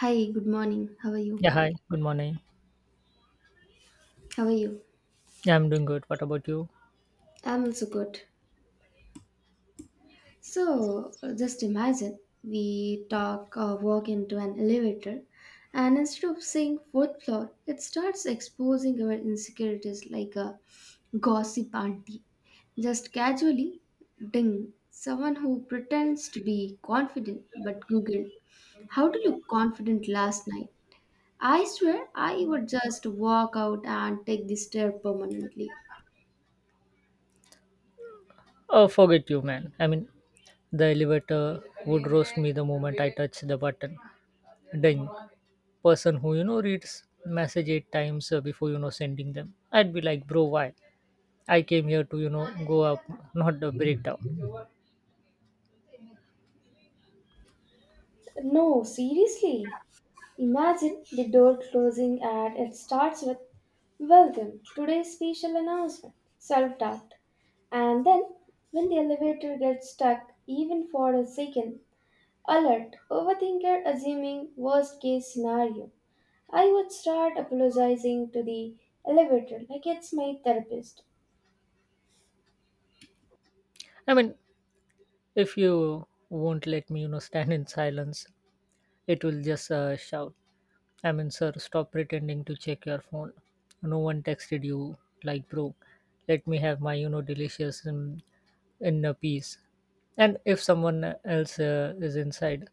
Hi, good morning. How are you? Yeah, hi. Good morning. How are you? Yeah, I'm doing good. What about you? I'm also good. So just imagine we talk or walk into an elevator, and instead of saying fourth floor, it starts exposing our insecurities like a gossip auntie. Just casually, ding, someone who pretends to be confident but Google, how do you confident last night? I swear I would just walk out and take the stair permanently. Oh, forget you, man. The elevator would roast me the moment I touch the button. Dang. Person who, reads message eight times before, sending them. I'd be like, bro, why? I came here to, go up, not a breakdown. No, seriously. Imagine the door closing and it starts with welcome, today's special announcement, self doubt. And then, when the elevator gets stuck, even for a second, alert, overthinker assuming worst case scenario, I would start apologizing to the elevator like it's my therapist. I mean, if you won't let me, stand in silence, it will just shout, I mean, sir, stop pretending to check your phone. No one texted you, like, bro. Let me have my, delicious in a peace. And if someone else is inside,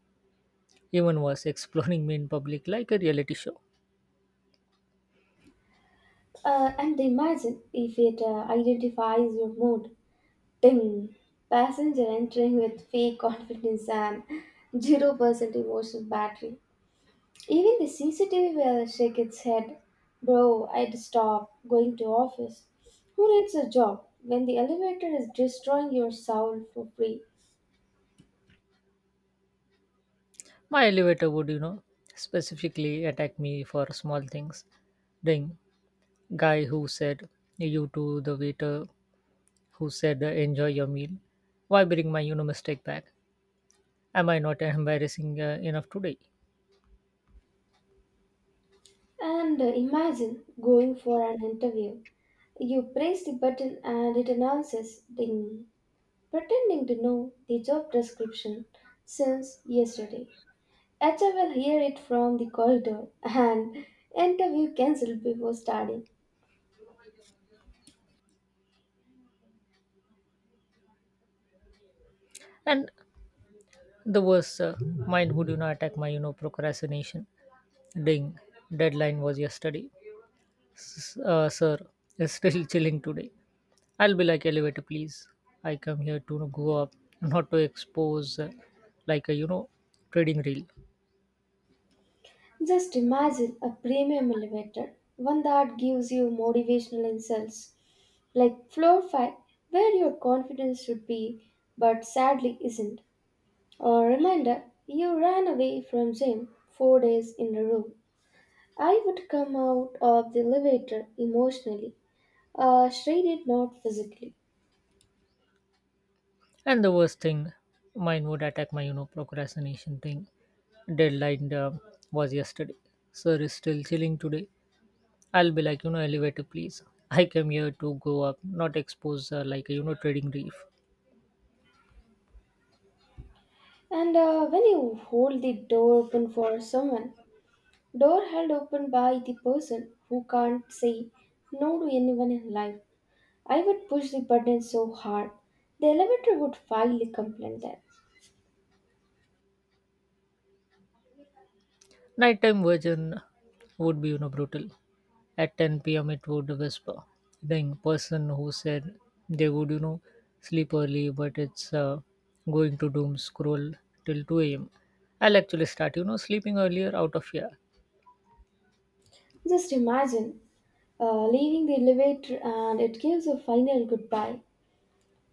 even worse, exploring me in public like a reality show. And imagine if it identifies your mood. Ding! Passenger entering with fake confidence and 0% emotional battery. Even the CCTV will shake its head. Bro, I'd stop going to office. Who needs a job when the elevator is destroying your soul for free? My elevator would, specifically attack me for small things. Ding, guy who said, you to the waiter who said, enjoy your meal. Why bring my, mistake back? Am I not embarrassing enough today? And imagine going for an interview. You press the button and it announces ding, pretending to know the job description since yesterday. HR will hear it from the corridor and interview cancelled before starting. And the worst mine who do not attack my procrastination. Ding, deadline was yesterday. Sir is still chilling today. I'll be like, elevator, please, I come here to go up, not to expose like a trading reel. Just imagine a premium elevator, one that gives you motivational insults like floor 5 where your confidence should be but sadly isn't. Or reminder, you ran away from gym 4 days in a row. I would come out of the elevator emotionally, shredded not physically. And the worst thing, mine would attack my procrastination thing. Deadline was yesterday, sir is still chilling today. I'll be like, elevator, please. I came here to go up, not expose like, trading reef. And when you hold the door open for someone, door held open by the person who can't say no to anyone in life. I would push the button so hard, the elevator would file a complaint there. Nighttime version would be, brutal. At 10 p.m., it would whisper. The person who said they would, sleep early, but it's going to doom scroll till 2 a.m. I'll actually start, sleeping earlier out of fear. Just imagine leaving the elevator and it gives a final goodbye.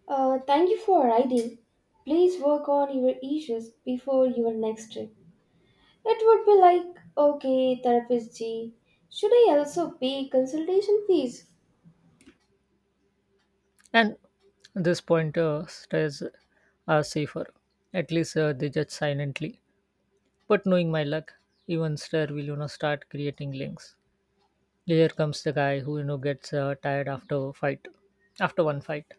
Thank you for riding. Please work on your issues before your next trip. It would be like, okay, therapist G, should I also pay consultation fees? And this point stays are safer. At least they judge silently. But knowing my luck, even Star will start creating links. Here comes the guy who gets tired after a fight, after one fight.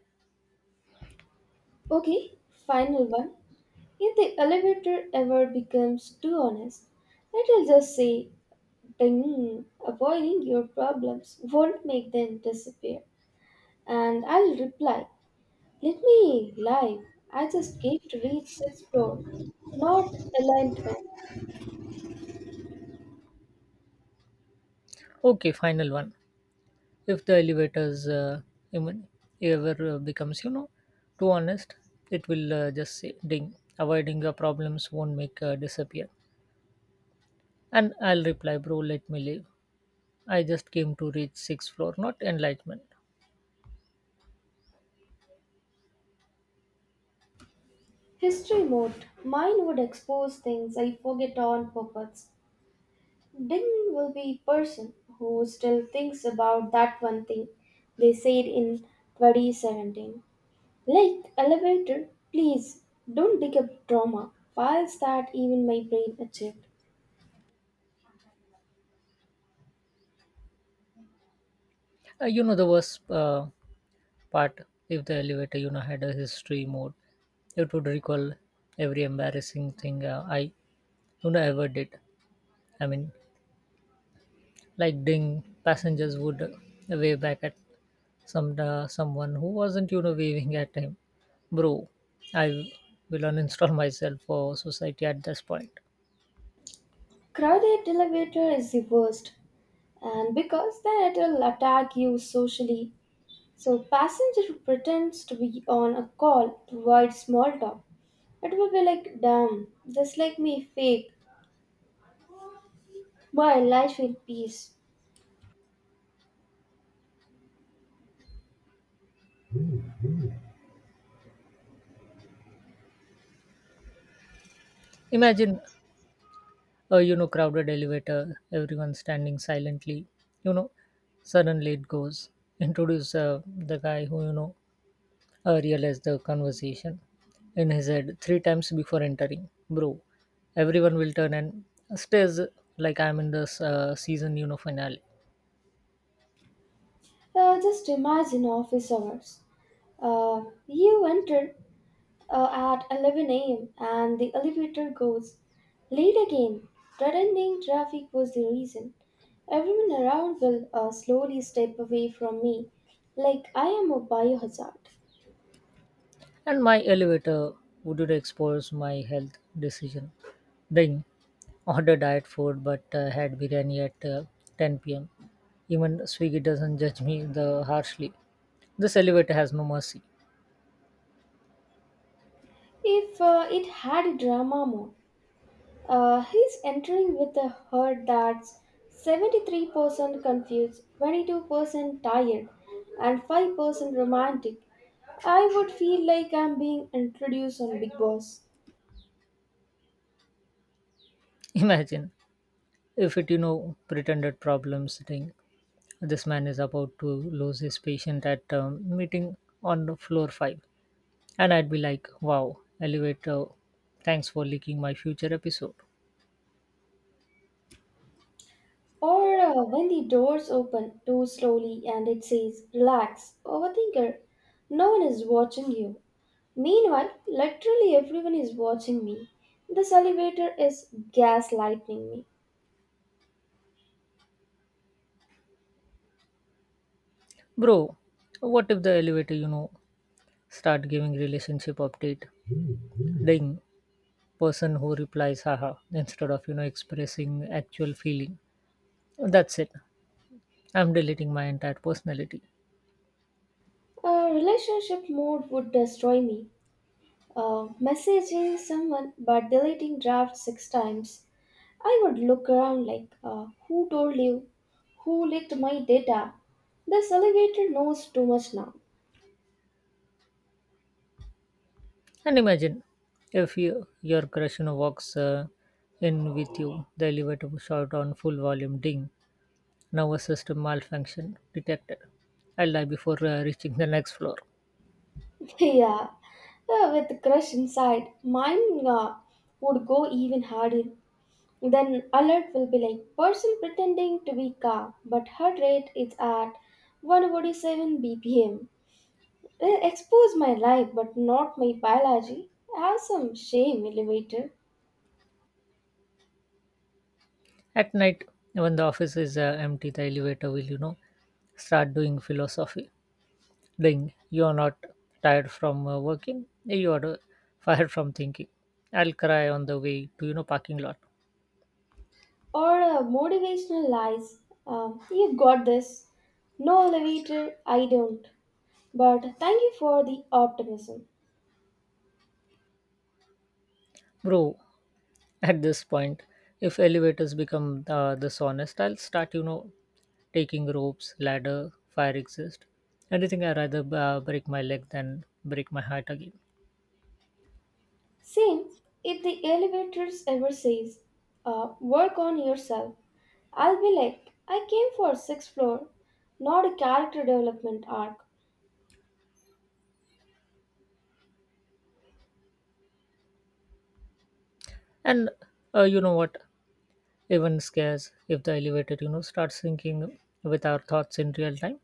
Okay, final one. If the elevator ever becomes too honest, it'll just say, ding, avoiding your problems won't make them disappear. And I'll reply, let me lie. I just came to reach this floor, not enlightenment. Okay, final one. If the elevators even ever becomes too honest, it will just say ding. Avoiding the problems won't make disappear. And I'll reply, bro, let me leave. I just came to reach sixth floor, not enlightenment. History mode. Mine would expose things I forget on purpose. Ding will be person who still thinks about that one thing they said in 2017. Like elevator, please don't dig up drama. Files that even my brain achieved. You know the worst But if the elevator had a history mode, it would recall every embarrassing thing I ever did. I mean, like ding, passengers would wave back at someone who wasn't waving at him. Bro, I will uninstall myself for society at this point. Crowded elevator is the worst, and because then it'll attack you socially. So passenger pretends to be on a call to avoid small talk. It will be like damn, just like me fake. My life in peace. Imagine a crowded elevator, everyone standing silently. You know, suddenly it goes. Introduce the guy who realized the conversation in his head three times before entering. Bro, everyone will turn and stares like I'm in the season, finale. Just imagine office hours. You enter at 11 a.m. and the elevator goes late again. Threatening traffic was the reason. Everyone around will slowly step away from me like I am a biohazard. And my elevator would expose my health decision. Then order diet food, but had biryani at 10 p.m. Even Swiggy doesn't judge me the harshly. This elevator has no mercy. If it had a drama mode, he's entering with a herd that's 73% confused, 22% tired, and 5% romantic. I would feel like I'm being introduced on Big Boss. Imagine if it, pretended problem sitting, this man is about to lose his patient at meeting on floor 5. And I'd be like, wow, elevator, thanks for leaking my future episode. Or when the doors open too slowly and it says, relax, overthinker, no one is watching you. Meanwhile, literally everyone is watching me. This elevator is gaslighting me. Bro, what if the elevator, start giving relationship update? Ding, person who replies haha instead of, expressing actual feeling. That's it. I'm deleting my entire personality. A relationship mode would destroy me. Messaging someone but deleting draft six times. I would look around like, who told you? Who leaked my data? This elevator knows too much now. And imagine if you, your crush walks in with you, the elevator will shout on full volume ding, nervous system malfunction detected. I'll die before reaching the next floor. Yeah, with the crush inside, mine would go even harder. Then alert will be like, person pretending to be calm, but heart rate is at 147 bpm. Expose my life, but not my biology. Have some shame, elevator. At night, when the office is empty, the elevator will, start doing philosophy. Ding, you are not tired from working, you are fired from thinking. I'll cry on the way to, parking lot. Or motivational lies. You got this. No elevator, I don't. But thank you for the optimism. Bro, at this point, if elevators become this, I'll start taking ropes, ladder, fire exist, anything. I rather break my leg than break my heart again. Same, if the elevators ever says, work on yourself, I'll be like, I came for sixth floor, not a character development arc. And what even scares, if the elevator starts syncing with our thoughts in real time,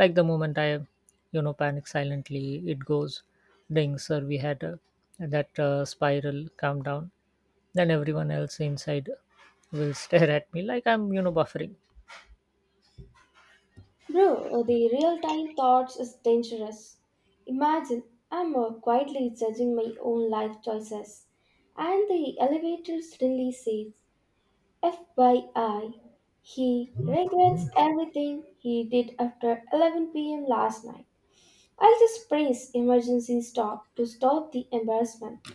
like the moment I panic silently, it goes ding, sir, we had that spiral, calm down. Then everyone else inside will stare at me like I'm, buffering. Bro, the real time thoughts is dangerous. Imagine I'm quietly judging my own life choices, and the elevator suddenly says, FYI, he regrets everything he did after 11 p.m. last night. I'll just press emergency stop to stop the embarrassment.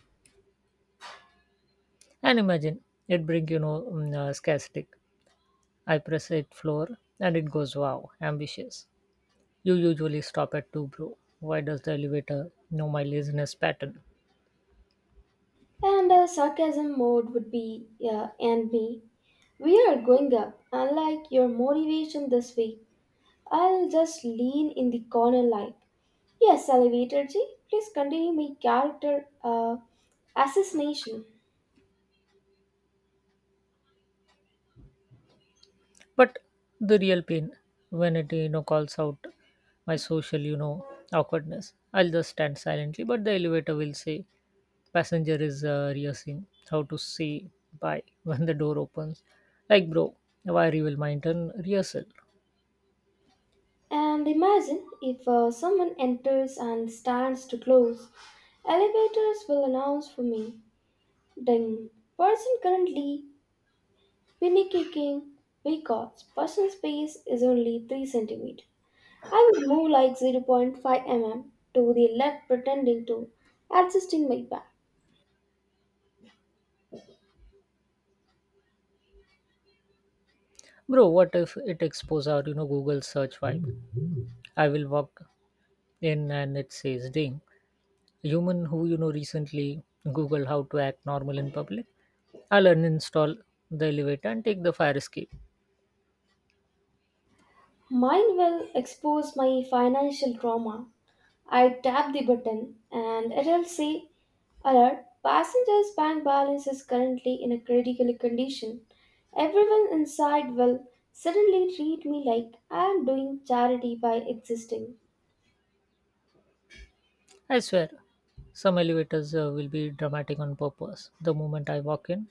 And imagine it bring, scarcity. I press it floor and it goes, wow, ambitious. You usually stop at two, bro. Why does the elevator know my laziness pattern? And sarcasm mode would be, and me. We are going up. Unlike your motivation this week, I'll just lean in the corner like, yes, elevator G, please continue my character assassination. But the real pain, when it, calls out my social, awkwardness. I'll just stand silently, but the elevator will say, passenger is rehearsing how to say bye when the door opens. Like, bro, why reveal my intern rehearsal? And imagine if someone enters and stands to close. Elevators will announce for me. Ding. Person currently pinny kicking because personal space is only 3 centimeter. I would move like 0 0.5 mm to the left, pretending to adjusting my back. Bro, what if it exposes our, Google search vibe? I will walk in and it says ding. Human who, recently Google how to act normal in public. I'll uninstall the elevator and take the fire escape. Mine will expose my financial trauma. I tap the button and it'll say alert passenger's bank balance is currently in a critical condition. Everyone inside will suddenly treat me like I am doing charity by existing. I swear, some elevators will be dramatic on purpose. The moment I walk in,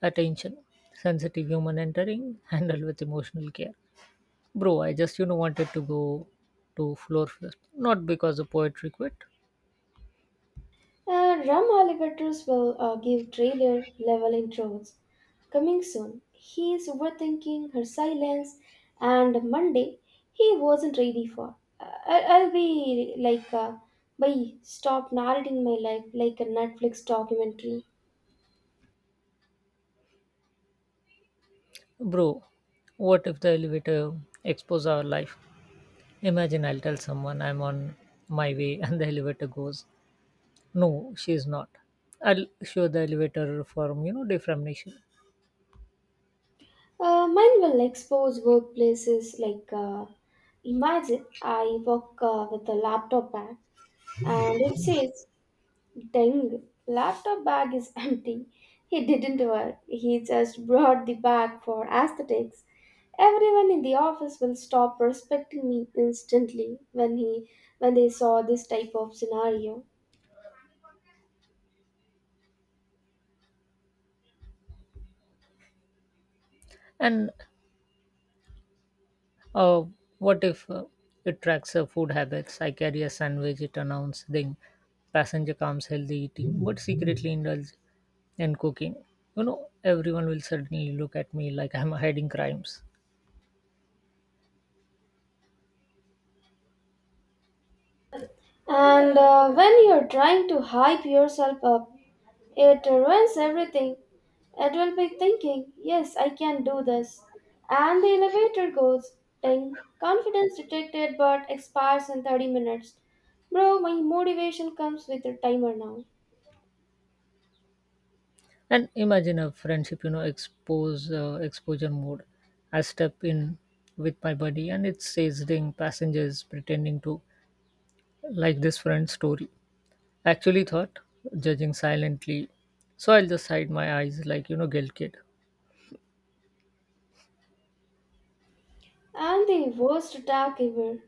attention, sensitive human entering, handled with emotional care. Bro, I just wanted to go to floor first, not because the poetry quit. And Ram Alligators will give trailer level intros. Coming soon. He is overthinking her silence, and Monday he wasn't ready for. I'll be like, bye, stop narrating my life like a Netflix documentary. Bro, what if the elevator expose our life? Imagine I'll tell someone I'm on my way and the elevator goes, no, she's not. I'll show the elevator from defamation, Mine will expose workplaces like, imagine I work with a laptop bag and it says dang, laptop bag is empty. He didn't work. He just brought the bag for aesthetics. Everyone in the office will stop respecting me instantly when they saw this type of scenario. and Uh, what if it tracks food habits? I carry a sandwich, it announces the passenger comes healthy eating, but secretly indulge in cooking. You know, everyone will suddenly look at me like I'm hiding crimes. And when you're trying to hype yourself up it ruins everything. It will be thinking, yes, I can do this. And the elevator goes, ding, confidence detected but expires in 30 minutes. Bro, my motivation comes with a timer now. And imagine a friendship, you know, expose exposure mode. I step in with my buddy, and it says ding, passengers pretending to like this friend's story. Actually, thought judging silently, so I'll just hide my eyes like guilt kid. And the worst attack ever.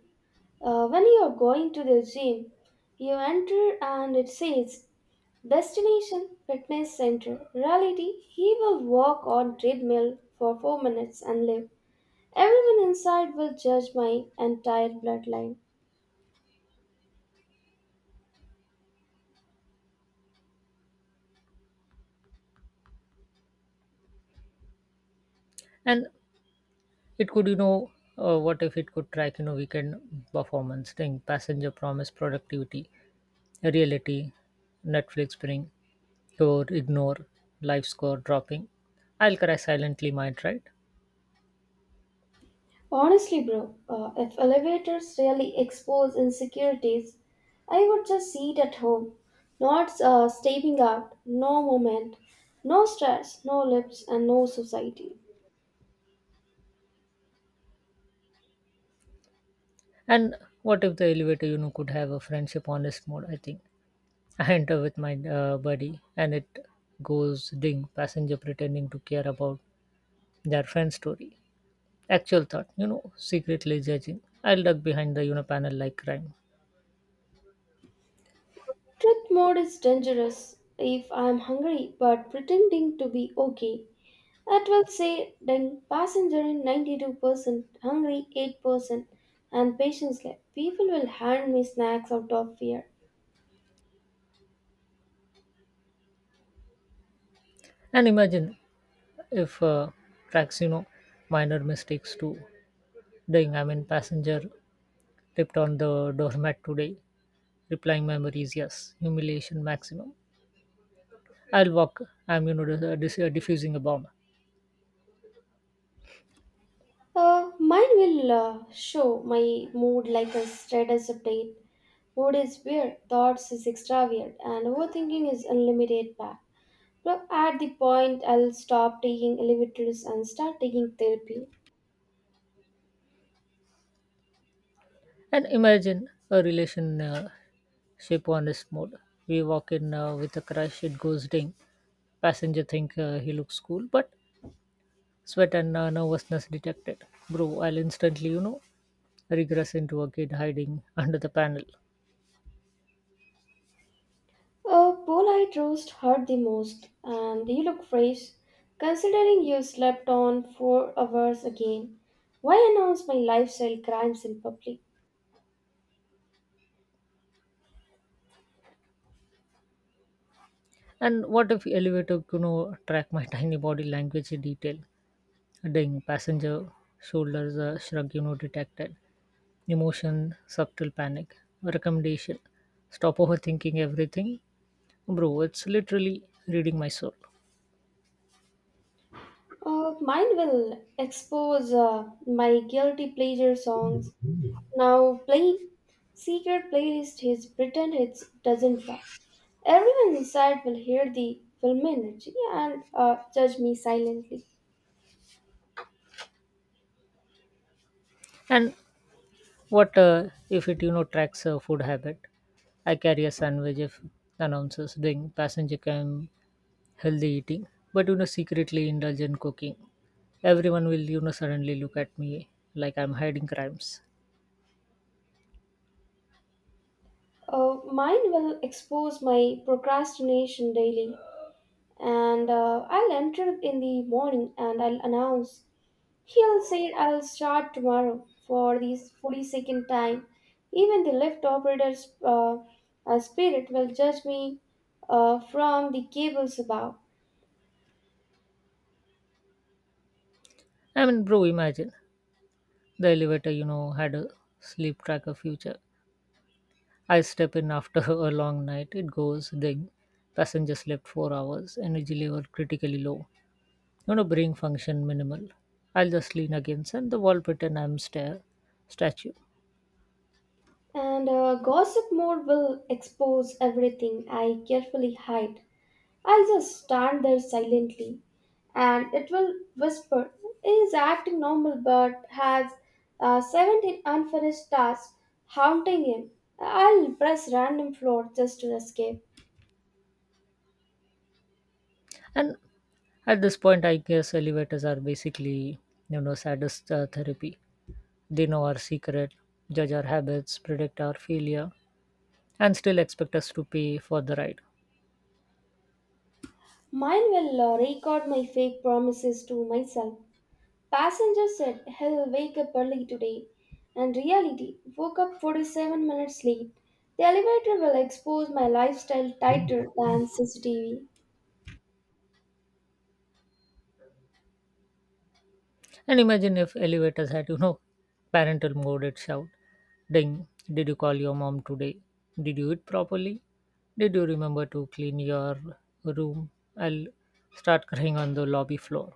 When you are going to the gym, you enter and it says destination fitness center. Reality, he will walk on treadmill for 4 minutes and leave. Everyone inside will judge my entire bloodline. And it could, what if it could track, weekend performance thing, passenger promise, productivity, reality, Netflix bring, or ignore, life score dropping. I'll cry silently, might right? Honestly, bro, if elevators really expose insecurities, I would just sit at home, not stepping out, no moment, no stress, no lips, and no society. And what if the elevator, could have a friendship honest mode? I think I enter with my buddy, and it goes ding. Passenger pretending to care about their friend's story. Actual thought, secretly judging. I'll duck behind the panel like crime. Truth mode is dangerous if I am hungry but pretending to be okay. It will say then passenger in 92%, hungry 8%, and patience left. People will hand me snacks out of fear. And imagine if tracks, minor mistakes too. Dang, I mean, passenger tipped on the doormat today. Replying memories, yes. Humiliation maximum. I'll walk. I'm, diffusing a bomb. Mine will show my mood like a status update. Mood is weird, thoughts is extra weird, and overthinking is unlimited back. But at the point, I'll stop taking elevators and start taking therapy. And imagine a relation shape on this mode. We walk in with a crush, it goes ding. Passenger think he looks cool, but sweat and nervousness detected. Bro, I'll instantly, regress into a kid hiding under the panel. A polite roast hurt the most, and you look fresh, considering you slept on 4 hours again. Why announce my lifestyle crimes in public? And what if elevator Kuno track my tiny body language in detail? Ding, passenger shoulders shrug detected. Emotion, subtle panic. Recommendation, stop overthinking everything. Bro, it's literally reading my soul. Mine will expose my guilty pleasure songs. Now, play. Secret playlist is pretend it doesn't run. Everyone inside will hear the film energy and judge me silently. And what if it tracks food habit? I carry a sandwich, if announces doing passenger can healthy eating, but secretly indulge in cooking. Everyone will suddenly look at me like I'm hiding crimes. Mine will expose my procrastination daily, and I'll enter in the morning and I'll announce. He'll say I'll start tomorrow for the 42nd time. Even the lift operator's spirit will judge me from the cables above. I mean, bro, imagine the elevator had a sleep tracker future. I step in after a long night, it goes ding. Passenger slept 4 hours, energy level critically low. You know, bring function minimal. I'll just lean against and the wall pretend I'm stare statue. And gossip mode will expose everything I carefully hide. I'll just stand there silently and it will whisper, is acting normal but has 17 unfinished tasks haunting him. I'll press random floor just to escape. And at this point, I guess elevators are basically, sadist therapy. They know our secret, judge our habits, predict our failure, and still expect us to pay for the ride. Mine will record my fake promises to myself. Passenger said he'll wake up early today, and reality woke up 47 minutes late. The elevator will expose my lifestyle tighter than CCTV. And imagine if elevators had, parental mode, it shout, ding, did you call your mom today? Did you eat properly? Did you remember to clean your room? I'll start crying on the lobby floor.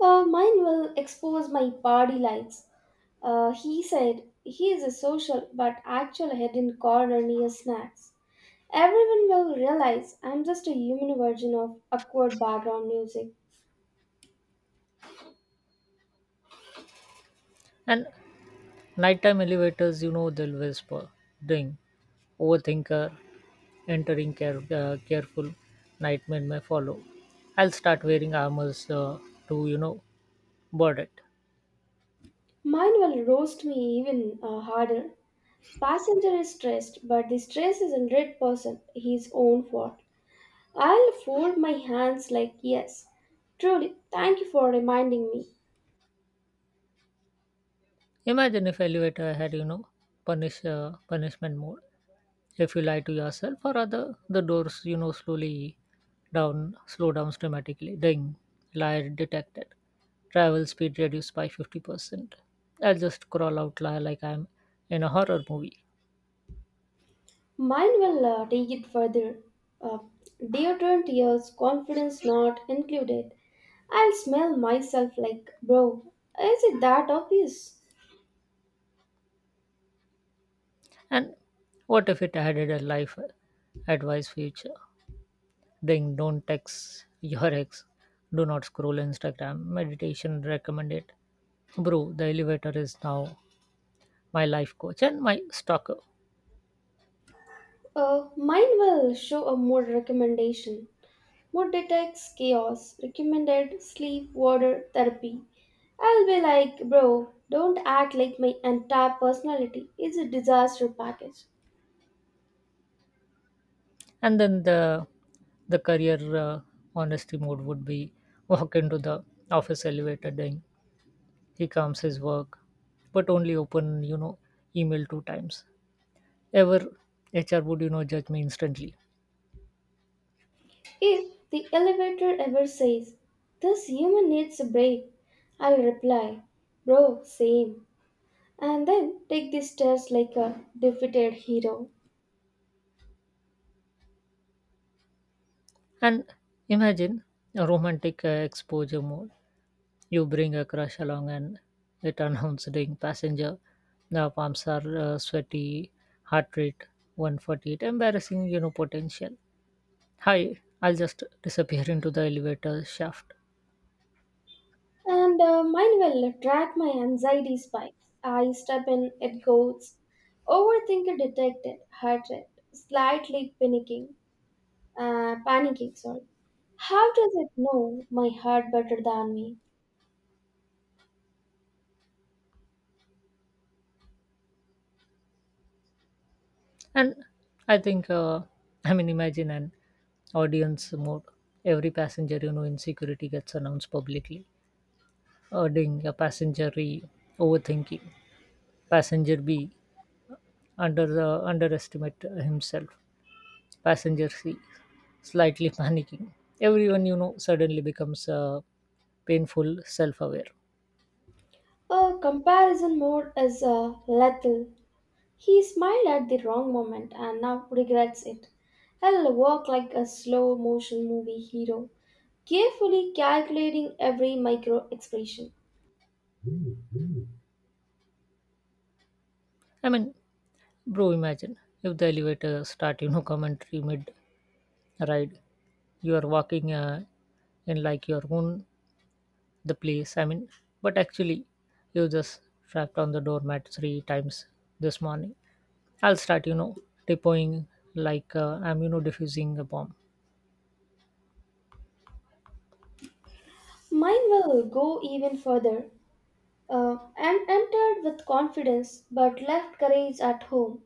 Mine will expose my party lights. He said he is a social but actual hidden corner near snacks. Everyone will realize I'm just a human version of awkward background music. And nighttime elevators, they'll whisper, ding, overthinker, careful, nightmare may follow. I'll start wearing armors to, board it. Mine will roast me even harder. Passenger is stressed, but the stress is 100% his own fault. I'll fold my hands like yes. Truly, thank you for reminding me. Imagine if elevator had, punishment mode. If you lie to yourself or other, the doors, slow down dramatically. Ding, liar detected. Travel speed reduced by 50%. I'll just crawl out lie like I'm in a horror movie. Mine will take it further. Uh, Deodorant years, confidence not included. I'll smell myself like bro. Is it that obvious? And what if it added a life advice feature? Ding, don't text your ex. Do not scroll Instagram. Meditation recommended. Bro, the elevator is now my life coach and my stalker. Mine will show a mood recommendation. Mood detects chaos, recommended sleep water therapy. I'll be like, bro, don't act like my entire personality is a disaster package. And then the career uh, honesty mode would be, walk into the office elevator, ding, he comes his work, but only open email two times ever. HR would judge me instantly. If the elevator ever says, this human needs a break, I'll reply, bro, same. And then take the stairs like a defeated hero. And imagine a romantic exposure mode, you bring a crush along and it announced ding, passenger now, palms are sweaty, heart rate 148, embarrassing potential, hi, I'll just disappear into the elevator shaft. And mine will track my anxiety spikes. I step in, it goes. Overthinker detected, heart rate, slightly panicking, panicking, sorry. How does it know my heart better than me? And I think I mean imagine an audience mode, every passenger insecurity gets announced publicly. Ding, a passenger E, overthinking, passenger B, under the underestimate himself, passenger C, slightly panicking. Everyone suddenly becomes painful self-aware. A comparison mode is lethal. He smiled at the wrong moment and now regrets it. I'll walk like a slow motion movie hero, carefully calculating every micro expression. i mean Bro, imagine if the elevator start commentary mid ride, you are walking in like your own the place, but actually you just trapped on the doormat three times this morning. I'll start tiptoeing like I'm diffusing a bomb. Mine will go even further. And entered with confidence but left courage at home.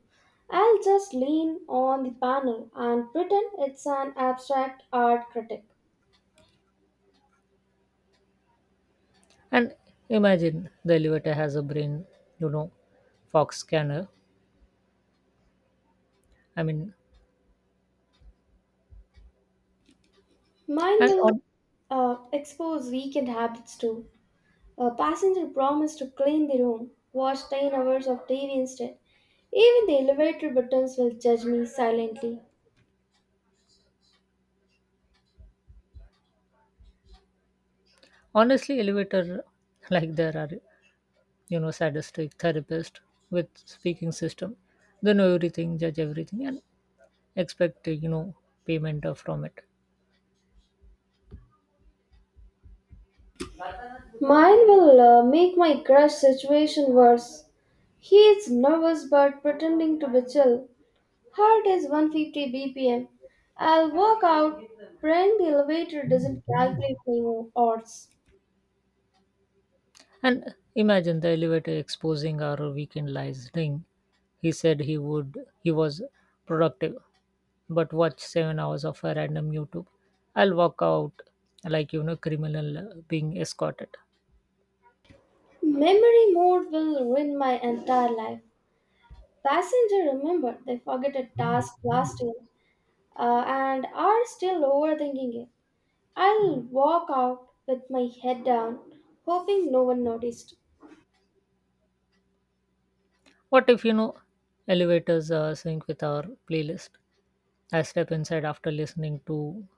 I'll just lean on the panel and pretend it's an abstract art critic. And imagine the elevator has a brain, you know fox scanner. i mean Mine and will on, expose weekend habits too. A passenger promised to clean the room, watch 10 hours of TV instead. Even the elevator buttons will judge me silently. Honestly, elevator like there are sadistic therapist with speaking system, they know everything, judge everything, and expect payment of from it. Mine will make my crush situation worse. He is nervous but pretending to be chill. Heart is 150 BPM. I'll walk out, praying the elevator doesn't calculate my odds. And imagine the elevator exposing our weekend lies thing. He said he would He was productive, but watch 7 hours of a random YouTube. I'll walk out like criminal being escorted. Memory mode will ruin my entire life. Passenger remember they forget a task last year and are still overthinking it. I'll walk out with my head down, hoping no one noticed. What if elevators sync with our playlist? I step inside after listening to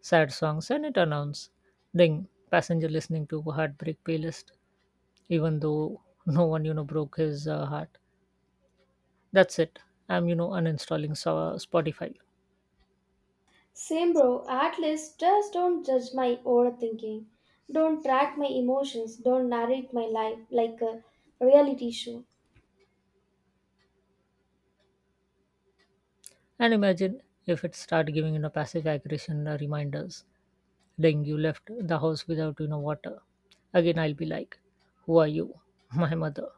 sad songs and it announces ding, passenger listening to heartbreak playlist even though no one broke his heart. That's it. I'm, Spotify. Same bro, at least just don't judge my overthinking. Don't track my emotions. Don't narrate my life like a reality show. And imagine if it start giving, passive aggression reminders. Dang, you left the house without, water. Again, I'll be like, who are you? My mother.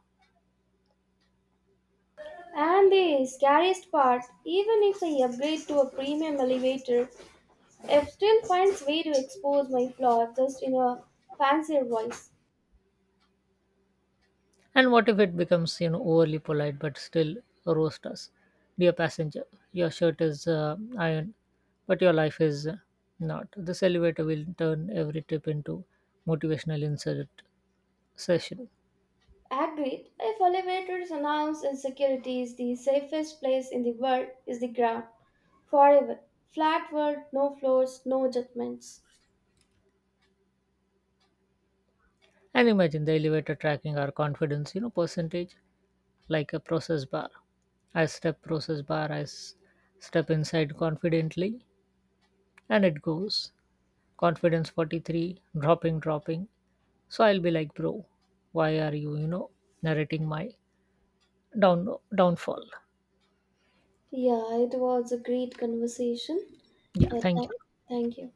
And the scariest part, even if I upgrade to a premium elevator, it still finds way to expose my flaw just in a fancier voice. And what if it becomes, overly polite but still roast us? Dear passenger, your shirt is iron, but your life is not. This elevator will turn every trip into motivational insert session. Agreed, if elevators announce insecurity is the safest place in the world is the ground. Forever. Flat world, no floors, no judgments. And imagine the elevator tracking our confidence, percentage like a process bar. I step inside confidently, and it goes. Confidence 43, dropping, dropping. So I'll be like, bro, why are you, narrating my down downfall? Yeah, it was a great conversation. Yeah, Uh, th- thank you. Thank you.